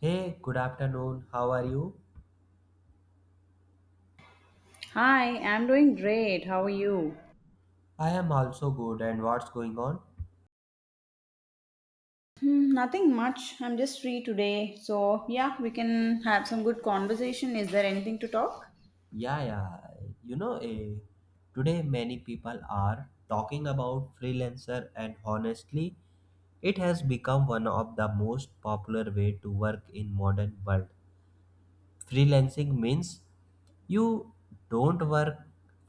Hey, good afternoon. How are you? Hi, I'm doing great. How are you? I am also good. And what's going on? Hmm, nothing much. I'm just free today. So, yeah, we can have some good conversation. Is there anything to talk? Yeah, yeah. You know, eh, today many people are talking about freelancer, and honestly, it has become one of the most popular way to work in modern world. Freelancing means you don't work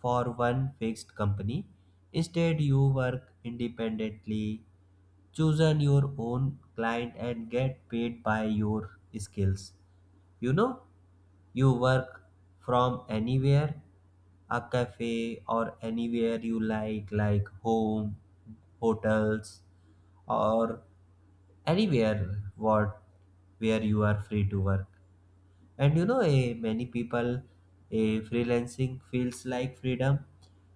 for one fixed company. Instead, you work independently chosen your own client and get paid by your skills, you know, you work from anywhere, a cafe or anywhere you like, home, hotels, or anywhere, what, where you are free to work. And you know, a many people, a freelancing feels like freedom.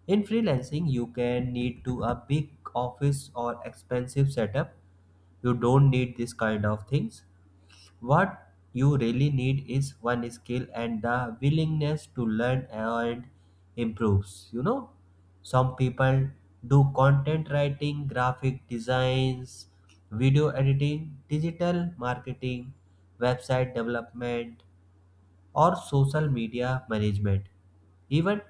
In freelancing you can need to a big office or expensive setup. You don't need this kind of things. What you really need is one skill and the willingness to learn and improves, you know. Some people do content writing, graphic designs, video editing, digital marketing, website development, or social media management. Even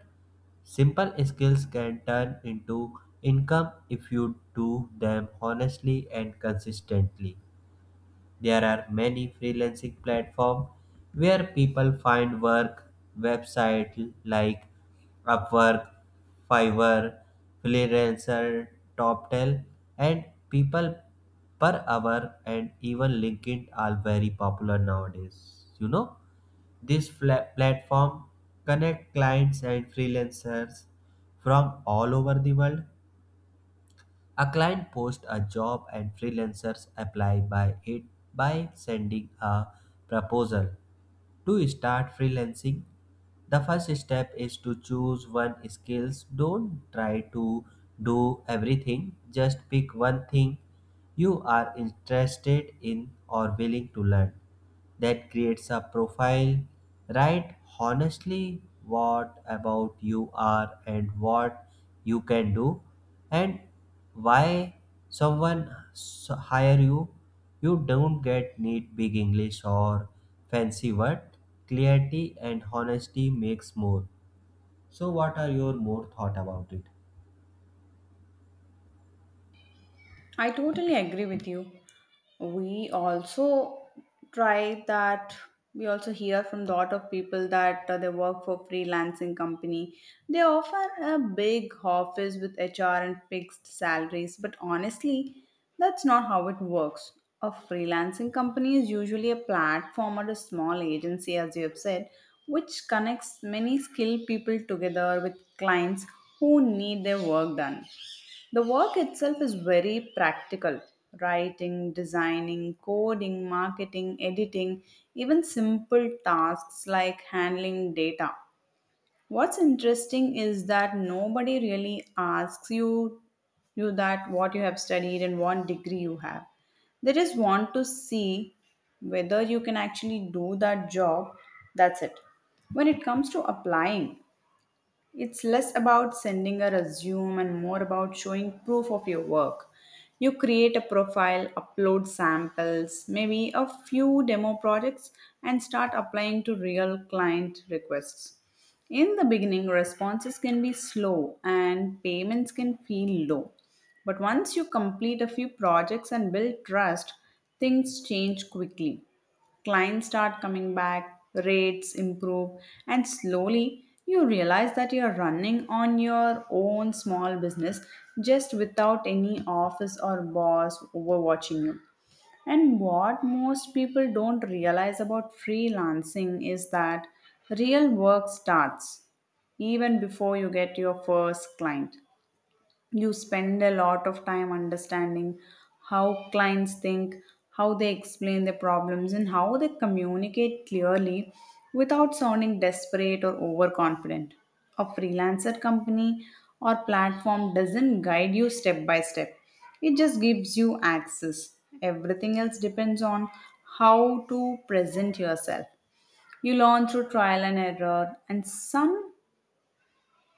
simple skills can turn into income if you do them honestly and consistently. There are many freelancing platforms where people find work. Websites like Upwork, Fiverr, Freelancer, TopTel, and People Per Hour, and even LinkedIn are very popular nowadays. You know, this platform connect clients and freelancers from all over the world. A client posts a job and freelancers apply by it by sending a proposal. To start freelancing, the first step is to choose one skills. Don't try to do everything, just pick one thing you are interested in or willing to learn. That creates a profile. Write honestly what about you are and what you can do and why someone hire you. You don't get neat big English or fancy word. Clarity and honesty makes more. So what are your more thought about it? I totally agree with you. We also try that. We also hear from a lot of people that they work for freelancing company. They offer a big office with HR and fixed salaries, but honestly, that's not how it works. A freelancing company is usually a platform or a small agency, as you have said, which connects many skilled people together with clients who need their work done. The work itself is very practical writing, designing, coding, marketing, editing, even simple tasks like handling data. What's interesting is that nobody really asks you that what you have studied and what degree you have. They just want to see whether you can actually do that job. That's it. When it comes to applying, it's less about sending a resume and more about showing proof of your work. You create a profile, upload samples, maybe a few demo projects, and start applying to real client requests. In the beginning, responses can be slow and payments can feel low. But once you complete a few projects and build trust, things change quickly. Clients start coming back, rates improve, and slowly you realize that you're running on your own small business just without any office or boss overwatching you. And what most people don't realize about freelancing is that real work starts even before you get your first client. You spend a lot of time understanding how clients think, how they explain their problems, and how they communicate clearly without sounding desperate or overconfident. A freelancer company or platform doesn't guide you step by step, it just gives you access. Everything else depends on how to present yourself. You learn through trial and error, and some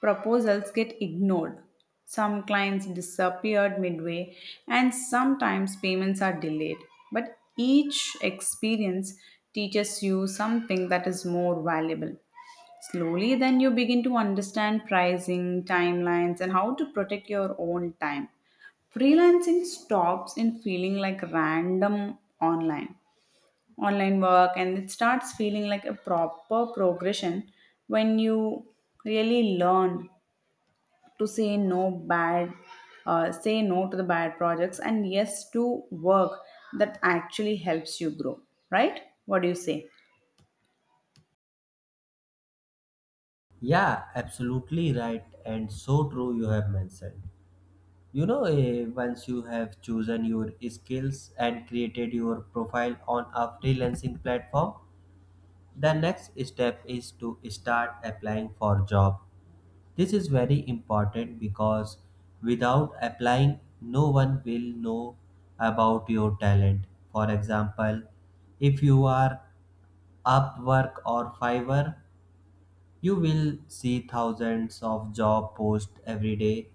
proposals get ignored. Some clients disappeared midway, and sometimes payments are delayed. But each experience teaches you something that is more valuable. Slowly, then you begin to understand pricing, timelines, and how to protect your own time. Freelancing stops in feeling like random online work, and it starts feeling like a proper progression when you really learn to say no to the bad projects and yes to work that actually helps you grow, right? What do you say? Yeah, absolutely right and so true you have mentioned. Once you have chosen your skills and created your profile on a freelancing platform, the next step is to start applying for job. This is very important because without applying, no one will know about your talent. For example, if you are Upwork or Fiverr, you will see thousands of job posts every day.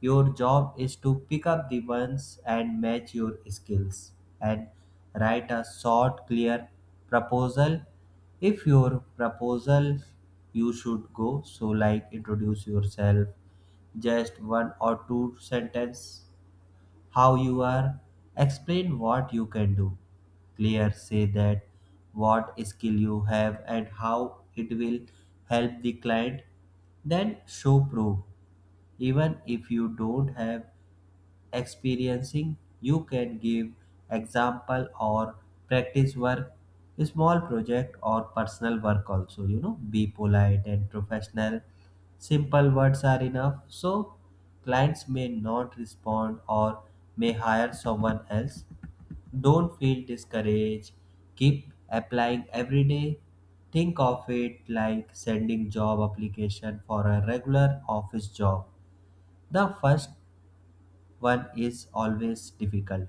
Your job is to pick up the ones and match your skills and write a short, clear proposal. If your proposal you should go, so like introduce yourself, just one or two sentence how you are, explain what you can do. Clear say that what skill you have and how it will help the client. Then show proof, even if you don't have experiencing you can give example or practice work, small project or personal work also, you know, be polite and professional. Simple words are enough, so clients may not respond or may hire someone else. Don't feel discouraged, keep applying every day. Think of it like sending job application for a regular office job. The first one is always difficult.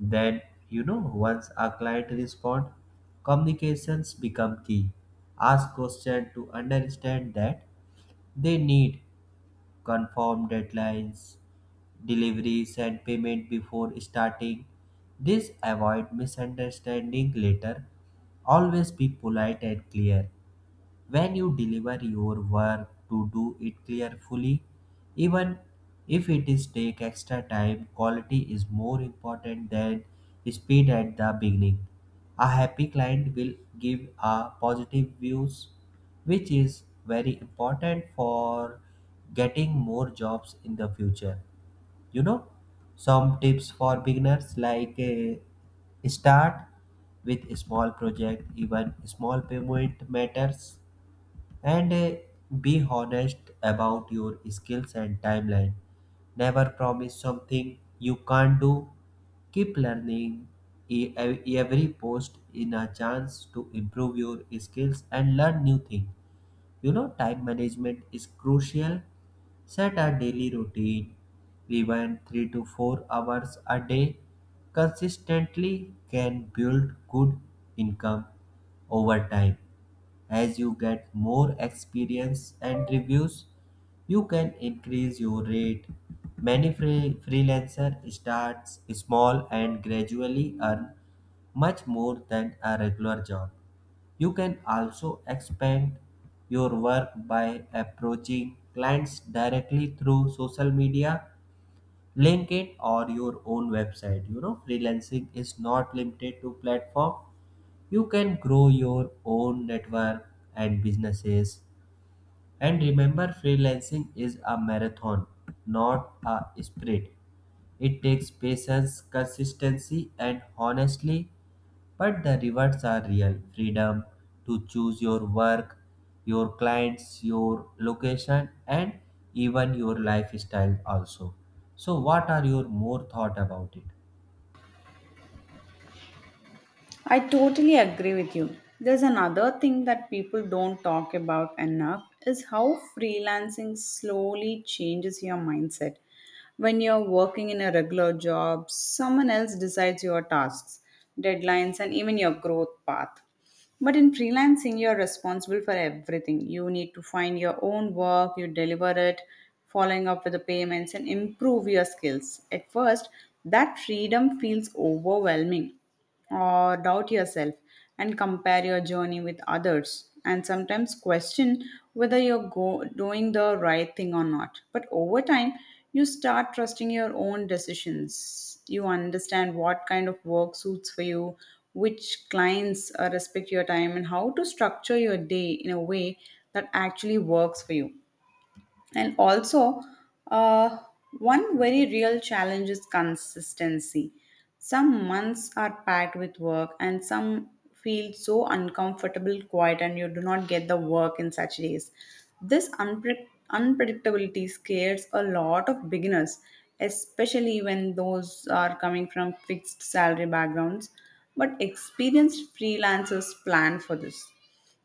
Then, you know, once a client responds, communications become key. Ask questions to understand that they need, confirm deadlines, deliveries, and payment before starting. This avoid misunderstanding later. Always be polite and clear. When you deliver your work, to do it carefully, even if it is take extra time, quality is more important than speed at the beginning. A happy client will give a positive views, which is very important for getting more jobs in the future. You know, some tips for beginners, like start with a small project, even small payment matters, and be honest about your skills and timeline. Never promise something you can't do. Keep learning. Every post in a chance to improve your skills and learn new things. You know, time management is crucial. Set a daily routine, even 3 to 4 hours a day. Consistently can build good income over time. As you get more experience and reviews, you can increase your rate. Many freelancer starts small and gradually earn much more than a regular job. You can also expand your work by approaching clients directly through social media, LinkedIn, or your own website. You know, freelancing is not limited to platform, you can grow your own network and businesses. And remember, freelancing is a marathon, not a sprint. It takes patience, consistency, and honestly, but the rewards are real freedom to choose your work, your clients, your location, and even your lifestyle also. So, what are your more thought about it? I totally agree with you. There's another thing that people don't talk about enough is how freelancing slowly changes your mindset. When you're working in a regular job, someone else decides your tasks, deadlines, and even your growth path. But in freelancing, you're responsible for everything. You need to find your own work, you deliver it, following up with the payments, and improve your skills. At first, that freedom feels overwhelming, or doubt yourself and compare your journey with others, and sometimes question whether you're doing the right thing or not. But over time, you start trusting your own decisions. You understand what kind of work suits for you, which clients respect your time, and how to structure your day in a way that actually works for you. And also, uh, one very real challenge is consistency. Some months are packed with work, and some feel so uncomfortable, quiet, and you do not get the work in such days. This unpredictability scares a lot of beginners, especially when those are coming from fixed salary backgrounds. But experienced freelancers plan for this.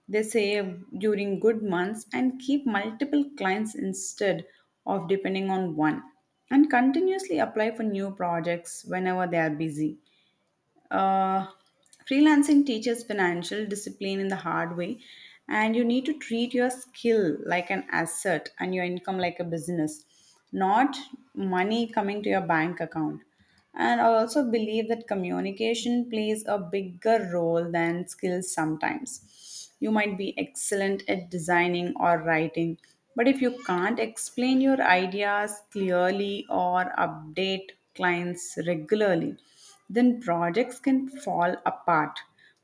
They save during good months and keep multiple clients instead of depending on one, and continuously apply for new projects whenever they are busy. Uh, Freelancing teaches financial discipline in the hard way, and you need to treat your skill like an asset and your income like a business, not money coming to your bank account. And I also believe that communication plays a bigger role than skills sometimes. You might be excellent at designing or writing, but if you can't explain your ideas clearly or update clients regularly, then projects can fall apart.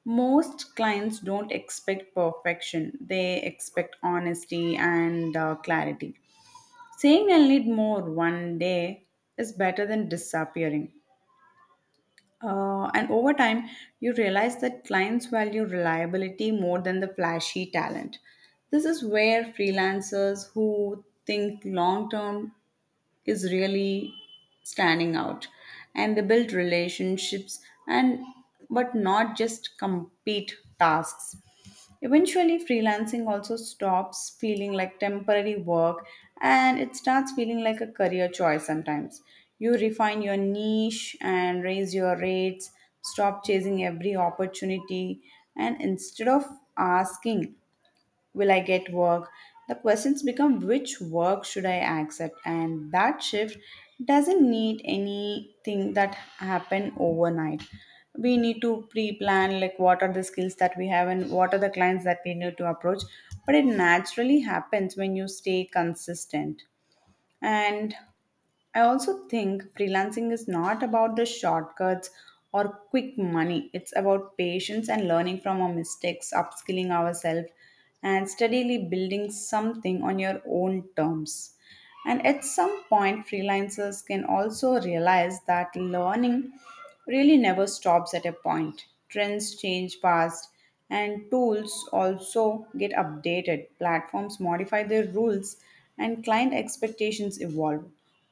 Most clients don't expect perfection, they expect honesty and clarity. Saying I'll need more one day is better than disappearing. And over time, you realize that clients value reliability more than the flashy talent. This is where freelancers who think long term is really standing out, and they build relationships and but not just complete tasks. Eventually, freelancing also stops feeling like temporary work, and it starts feeling like a career choice. Sometimes you refine your niche and raise your rates, stop chasing every opportunity, and instead of asking, "Will I get work?" the questions become, "Which work should I accept?" And that shift doesn't need anything that happen overnight. We need to pre-plan like what are the skills that we have and what are the clients that we need to approach. But it naturally happens when you stay consistent. And I also think freelancing is not about the shortcuts or quick money. It's about patience and learning from our mistakes, upskilling ourselves, and steadily building something on your own terms. And at some point, freelancers can also realize that learning really never stops at a point. Trends change fast, and tools also get updated. Platforms modify their rules, and client expectations evolve.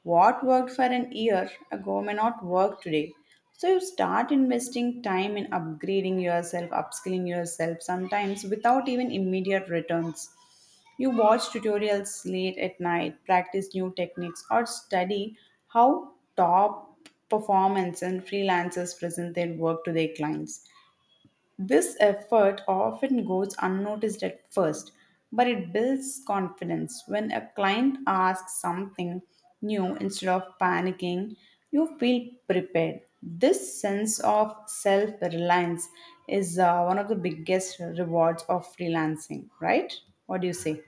What worked for an year ago may not work today. So, you start investing time in upgrading yourself, upskilling yourself, sometimes without even immediate returns. You watch tutorials late at night, practice new techniques, or study how top performers and freelancers present their work to their clients. This effort often goes unnoticed at first, but it builds confidence. When a client asks something new instead of panicking, you feel prepared. This sense of self reliance is one of the biggest rewards of freelancing, right? What do you say?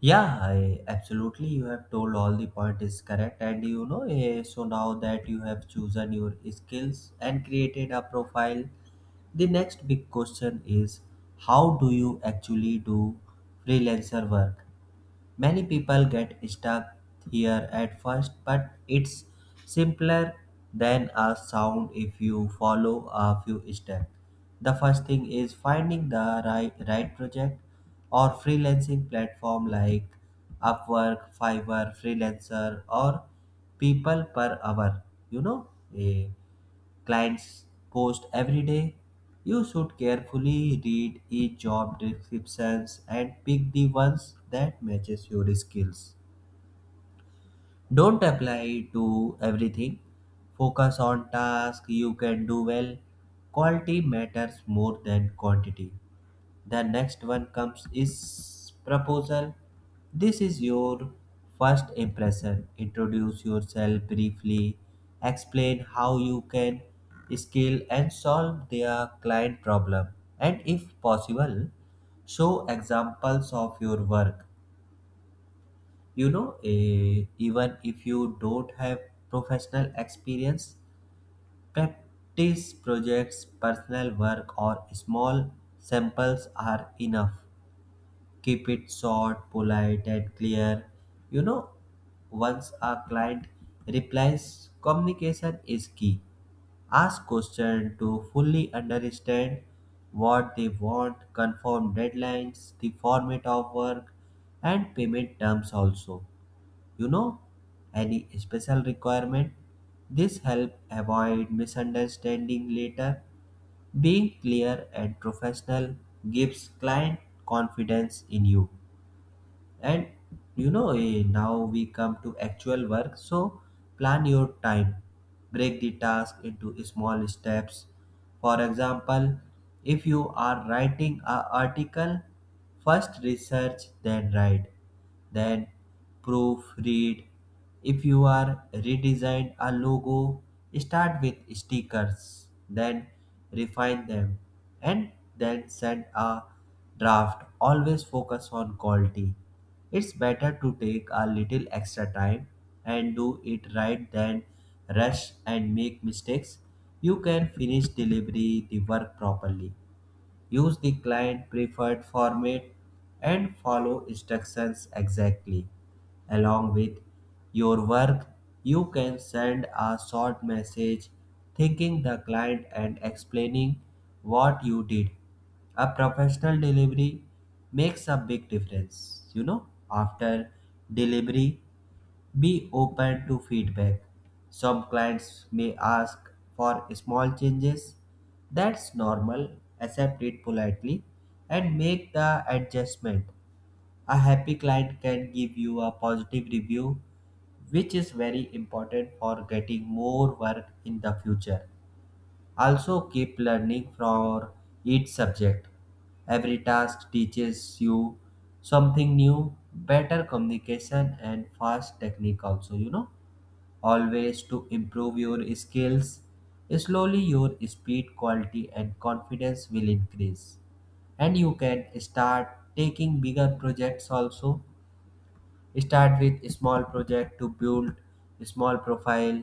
Yeah, I absolutely. You have told all the point is correct, and you know. So now that you have chosen your skills and created a profile, the next big question is how do you actually do freelancer work? Many people get stuck here at first, but it's simpler than a sound if you follow a few steps. The first thing is finding the right project or freelancing platform like Upwork, Fiverr, Freelancer, or People Per Hour. You know, eh, clients post every day. You should carefully read each job descriptions and pick the ones that matches your skills. Don't apply to everything. Focus on tasks you can do well. Quality matters more than quantity. The next one comes is proposal. This is your first impression. Introduce yourself briefly, explain how you can scale and solve their client problem, and if possible show examples of your work. Even if you don't have professional experience, practice projects, personal work, or small samples are enough. Keep it short, polite, and clear. You know, once a client replies, communication is key. Ask questions to fully understand what they want, confirm deadlines, the format of work, and payment terms also. You know, any special requirement? This help avoid misunderstanding later. Being clear and professional gives client confidence in you. And now we come to actual work. So plan your time, break the task into small steps. For example, if you are writing an article, first research, then write, then proofread. If you are redesign a logo, start with stickers, then refine them, and then send a draft. Always focus on quality. It's better to take a little extra time and do it right than rush and make mistakes. You can finish delivery the work properly. Use the client preferred format and follow instructions exactly. Along with your work, you can send a short message thanking the client and explaining what you did. A professional delivery makes a big difference. You know, after delivery, be open to feedback. Some clients may ask for small changes. That's normal. Accept it politely and make the adjustment. A happy client can give you a positive review, which is very important for getting more work in the future. Also, keep learning for each subject. Every task teaches you something new, better communication, and fast technique, also, you know. Always to improve your skills. Slowly, your speed, quality, and confidence will increase. And you can start taking bigger projects also. Start with small project to build small profile.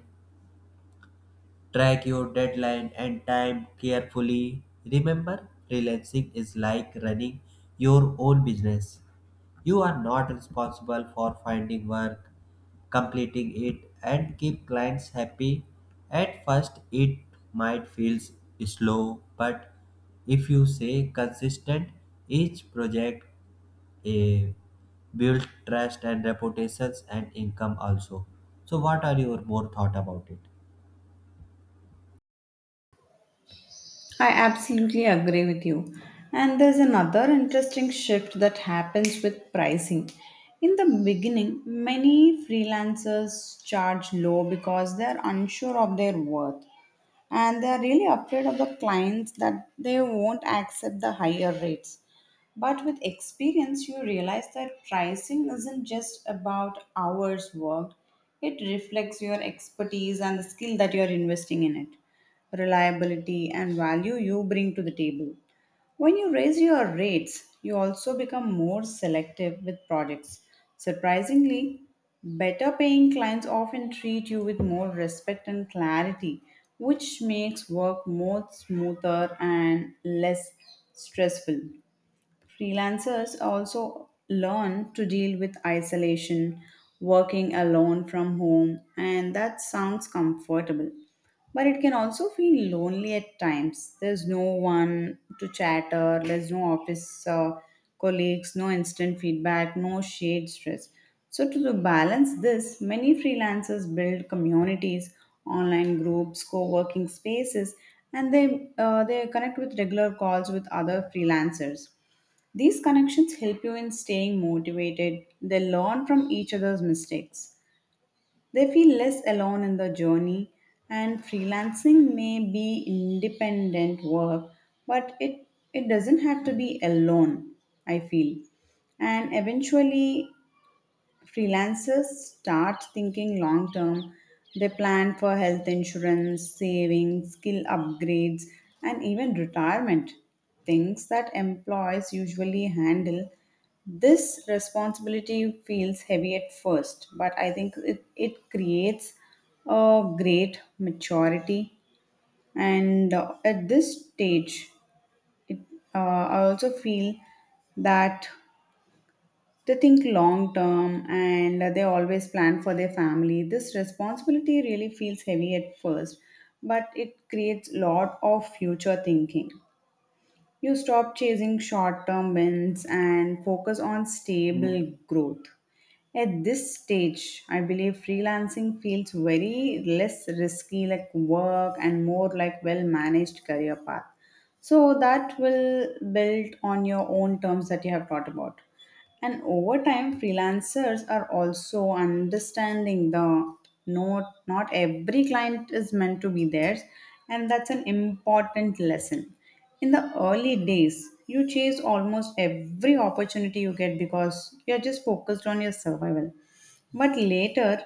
Track your deadline and time carefully. Remember, freelancing is like running your own business. You are not responsible for finding work, completing it, and keep clients happy. At first, it might feel slow, but if you say consistent, each project eh, builds trust and reputations and income also. So, what are your more thought about it? I absolutely agree with you. And there's another interesting shift that happens with pricing. In the beginning, many freelancers charge low because they're unsure of their worth and they are really afraid of the clients that they won't accept the higher rates. But with experience, you realize that pricing isn't just about hours worked, it reflects your expertise and the skill that you are investing in it, reliability, and value you bring to the table. When you raise your rates, you also become more selective with projects. Surprisingly, better paying clients often treat you with more respect and clarity, which makes work more smoother and less stressful. Freelancers also learn to deal with isolation, working alone from home, and that sounds comfortable. But it can also feel lonely at times. There's no one to chatter, there's no office colleagues, no instant feedback, no shade stress. So, to balance this, many freelancers build communities, online groups, co working spaces, and they connect with regular calls with other freelancers. These connections help you in staying motivated. They learn from each other's mistakes. They feel less alone in the journey, and freelancing may be independent work, but it doesn't have to be alone, I feel. And eventually, freelancers start thinking long term. They plan for health insurance, savings, skill upgrades, and even retirement, things that employees usually handle. This responsibility feels heavy at first, but I think it creates a great maturity. And At this stage, it, uh, I also feel that they think long term and they always plan for their family. This responsibility really feels heavy at first, but it creates lot of future thinking. You stop chasing short term wins and focus on stable growth. At this stage, I believe freelancing feels very less risky like work and more like well managed career path. So that will build on your own terms that you have thought about. And over time, freelancers are also understanding the not every client is meant to be theirs, and that's an important lesson. In the early days, you chase almost every opportunity you get because you're just focused on your survival. But later,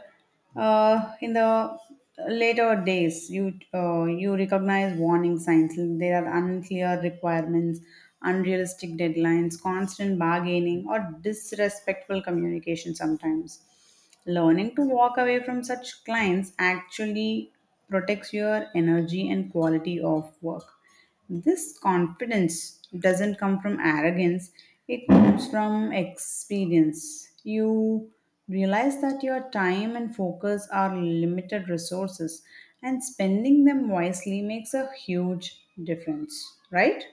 in the later days, you recognize warning signs. There are unclear requirements, unrealistic deadlines, constant bargaining, or disrespectful communication sometimes. Learning to walk away from such clients actually protects your energy and quality of work. This confidence doesn't come from arrogance, it comes from experience. You realize that your time and focus are limited resources, and spending them wisely makes a huge difference, right?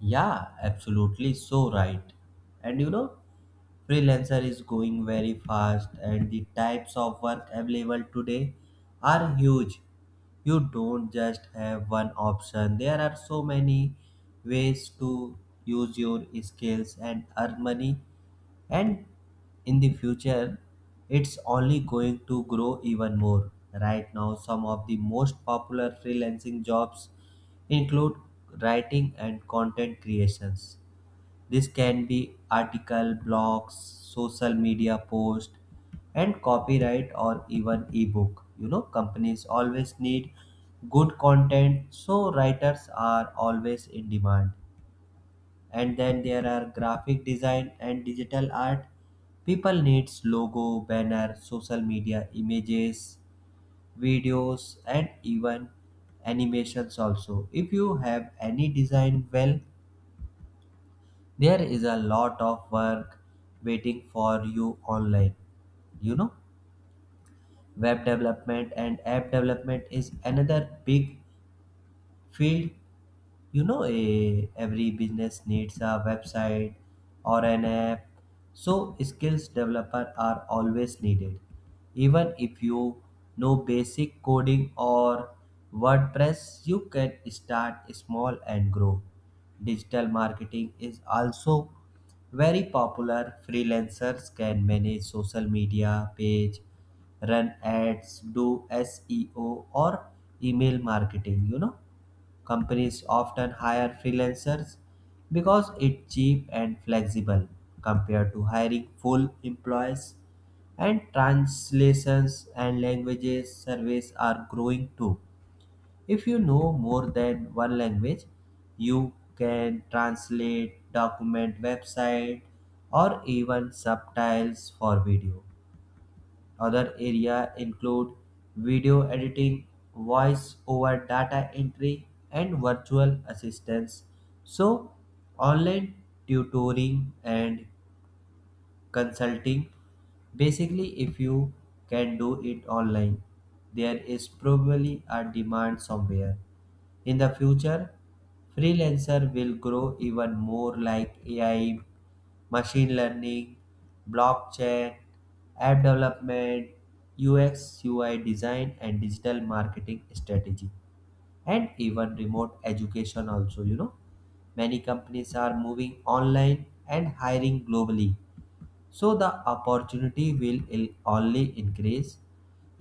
Yeah, absolutely so right. And you know, freelancer is going very fast and the types of work available today are huge. You don't just have one option. There are so many ways to use your skills and earn money, and in the future it's only going to grow even more. Right now some of the most popular freelancing jobs include writing and content creations. This can be article, blogs, social media posts, and copyright, or even ebook. You know, companies always need good content, so writers are always in demand. And then there are graphic design and digital art. People needs logo, banner, social media images, videos, and even animations also. If you have any design, well, there is a lot of work waiting for you online. You know, web development and app development is another big field. You know, every business needs a website or an app, so skills developer are always needed. Even if you know basic coding or WordPress you can start small and grow. Digital marketing is also very popular. Freelancers can manage social media page, run ads, do SEO, or email marketing. You know, companies often hire freelancers because it's cheap and flexible compared to hiring full employees, and translations and languages surveys are growing too. If you know more than one language, you can translate, document, website, or even subtitles for video. Other areas include video editing, voice over, data entry, and virtual assistants. So, online tutoring and consulting, basically if you can do it online, there is probably a demand somewhere. In the future freelancer will grow even more, like AI, machine learning, blockchain, app development, UX, UI design, and digital marketing strategy, and even remote education also, you know. Many companies are moving online and hiring globally. So the opportunity will only increase.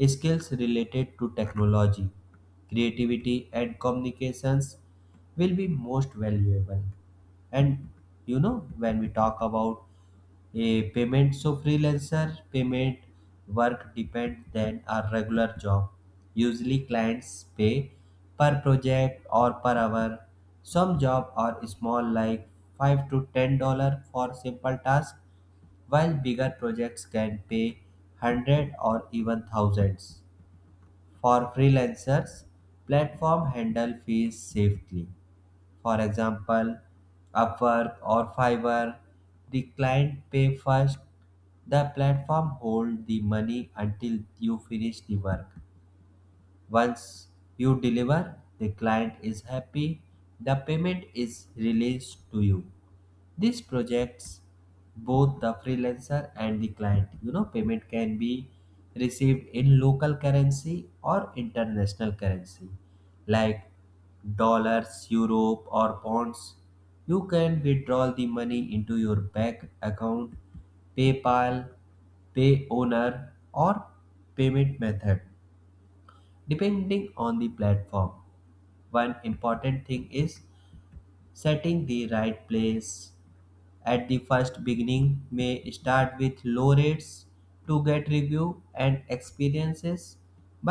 Skills related to technology, creativity, and communications will be most valuable. And you know, when we talk about a payment, so freelancer payment work depend than a regular job. Usually clients pay per project or per hour. Some job are small like 5 to $10 for simple task, while bigger projects can pay 100 or even thousands for freelancers. Platform handle fees safely. For example, Upwork or Fiverr, the client pay first, the platform hold the money until you finish the work. Once you deliver, the client is happy, the payment is released to you. This projects both the freelancer and the client. You know, payment can be received in local currency or international currency like dollars, euro, or pounds. You can withdraw the money into your bank account, PayPal, pay owner, or payment method depending on the platform. One important thing is setting the right place. At the first beginning may start with low rates to get review and experiences,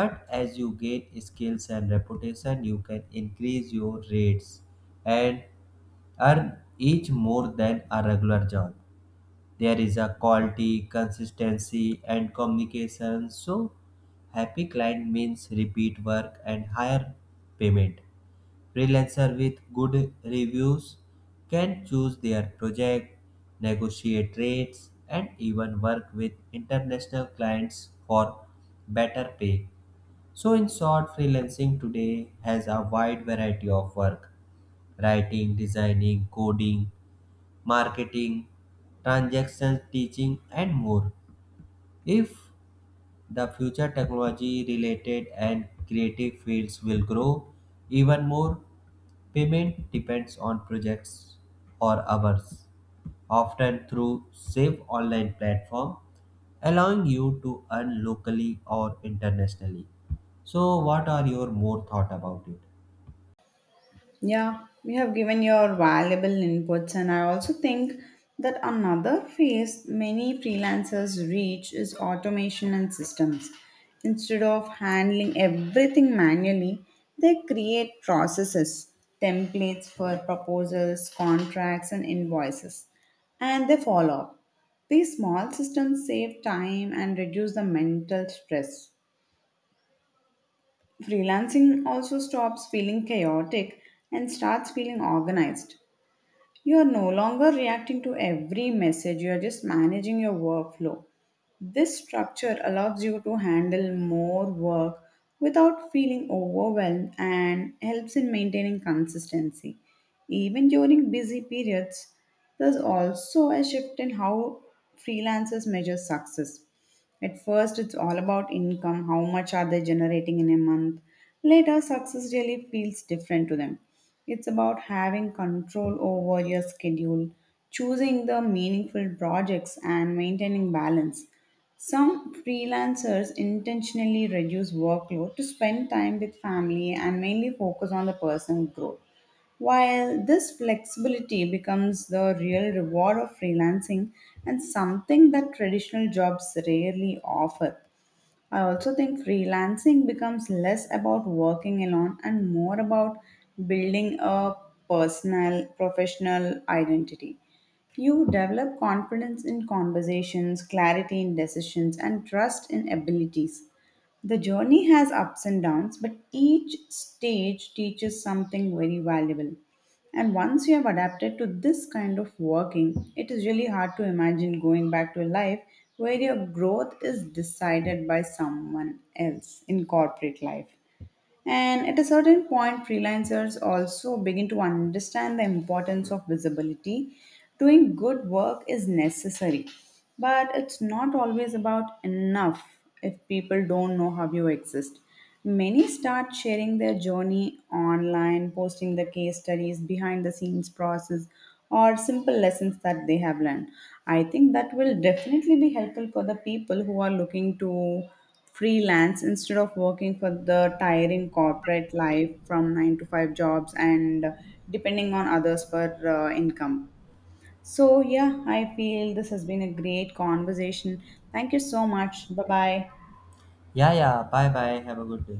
but as you gain skills and reputation you can increase your rates and earn each more than a regular job. There is a quality, consistency, and communication. So happy client means repeat work and higher payment. Freelancer with good reviews can choose their project, negotiate rates, and even work with international clients for better pay. So, in short, freelancing today has a wide variety of work: writing, designing, coding, marketing, transactions, teaching, and more. If the future technology related and creative fields will grow even more, payment depends on projects or hours, often through same online platform, allowing you to earn locally or internationally. So, what are your more thought about it? Yeah, you have given your valuable inputs, and I also think that another phase many freelancers reach is automation and systems. Instead of handling everything manually, they create processes, templates for proposals, contracts, and invoices, and they follow up. These small systems save time and reduce the mental stress. Freelancing also stops feeling chaotic and starts feeling organized. You are no longer reacting to every message, you are just managing your workflow. This structure allows you to handle more work without feeling overwhelmed and helps in maintaining consistency. Even during busy periods, there's also a shift in how freelancers measure success. At first, it's all about income, how much are they generating in a month. Later, success really feels different to them. It's about having control over your schedule, choosing the meaningful projects, and maintaining balance. Some freelancers intentionally reduce workload to spend time with family and mainly focus on the personal growth. While this flexibility becomes the real reward of freelancing and something that traditional jobs rarely offer, I also think freelancing becomes less about working alone and more about building a personal, professional identity. You develop confidence in conversations, clarity in decisions, and trust in abilities. The journey has ups and downs, but each stage teaches something very valuable. And once you have adapted to this kind of working, it is really hard to imagine going back to a life where your growth is decided by someone else in corporate life. And at a certain point, freelancers also begin to understand the importance of visibility. Doing good work is necessary, but it's not always about enough if people don't know how you exist. Many start sharing their journey online, posting the case studies, behind the scenes process, or simple lessons that they have learned. I think that will definitely be helpful for the people who are looking to freelance instead of working for the tiring corporate life from 9 to 5 jobs and depending on others for income. So, yeah, I feel this has been a great conversation. Thank you so much. Bye bye. Yeah, yeah. Bye, bye. Have a good day.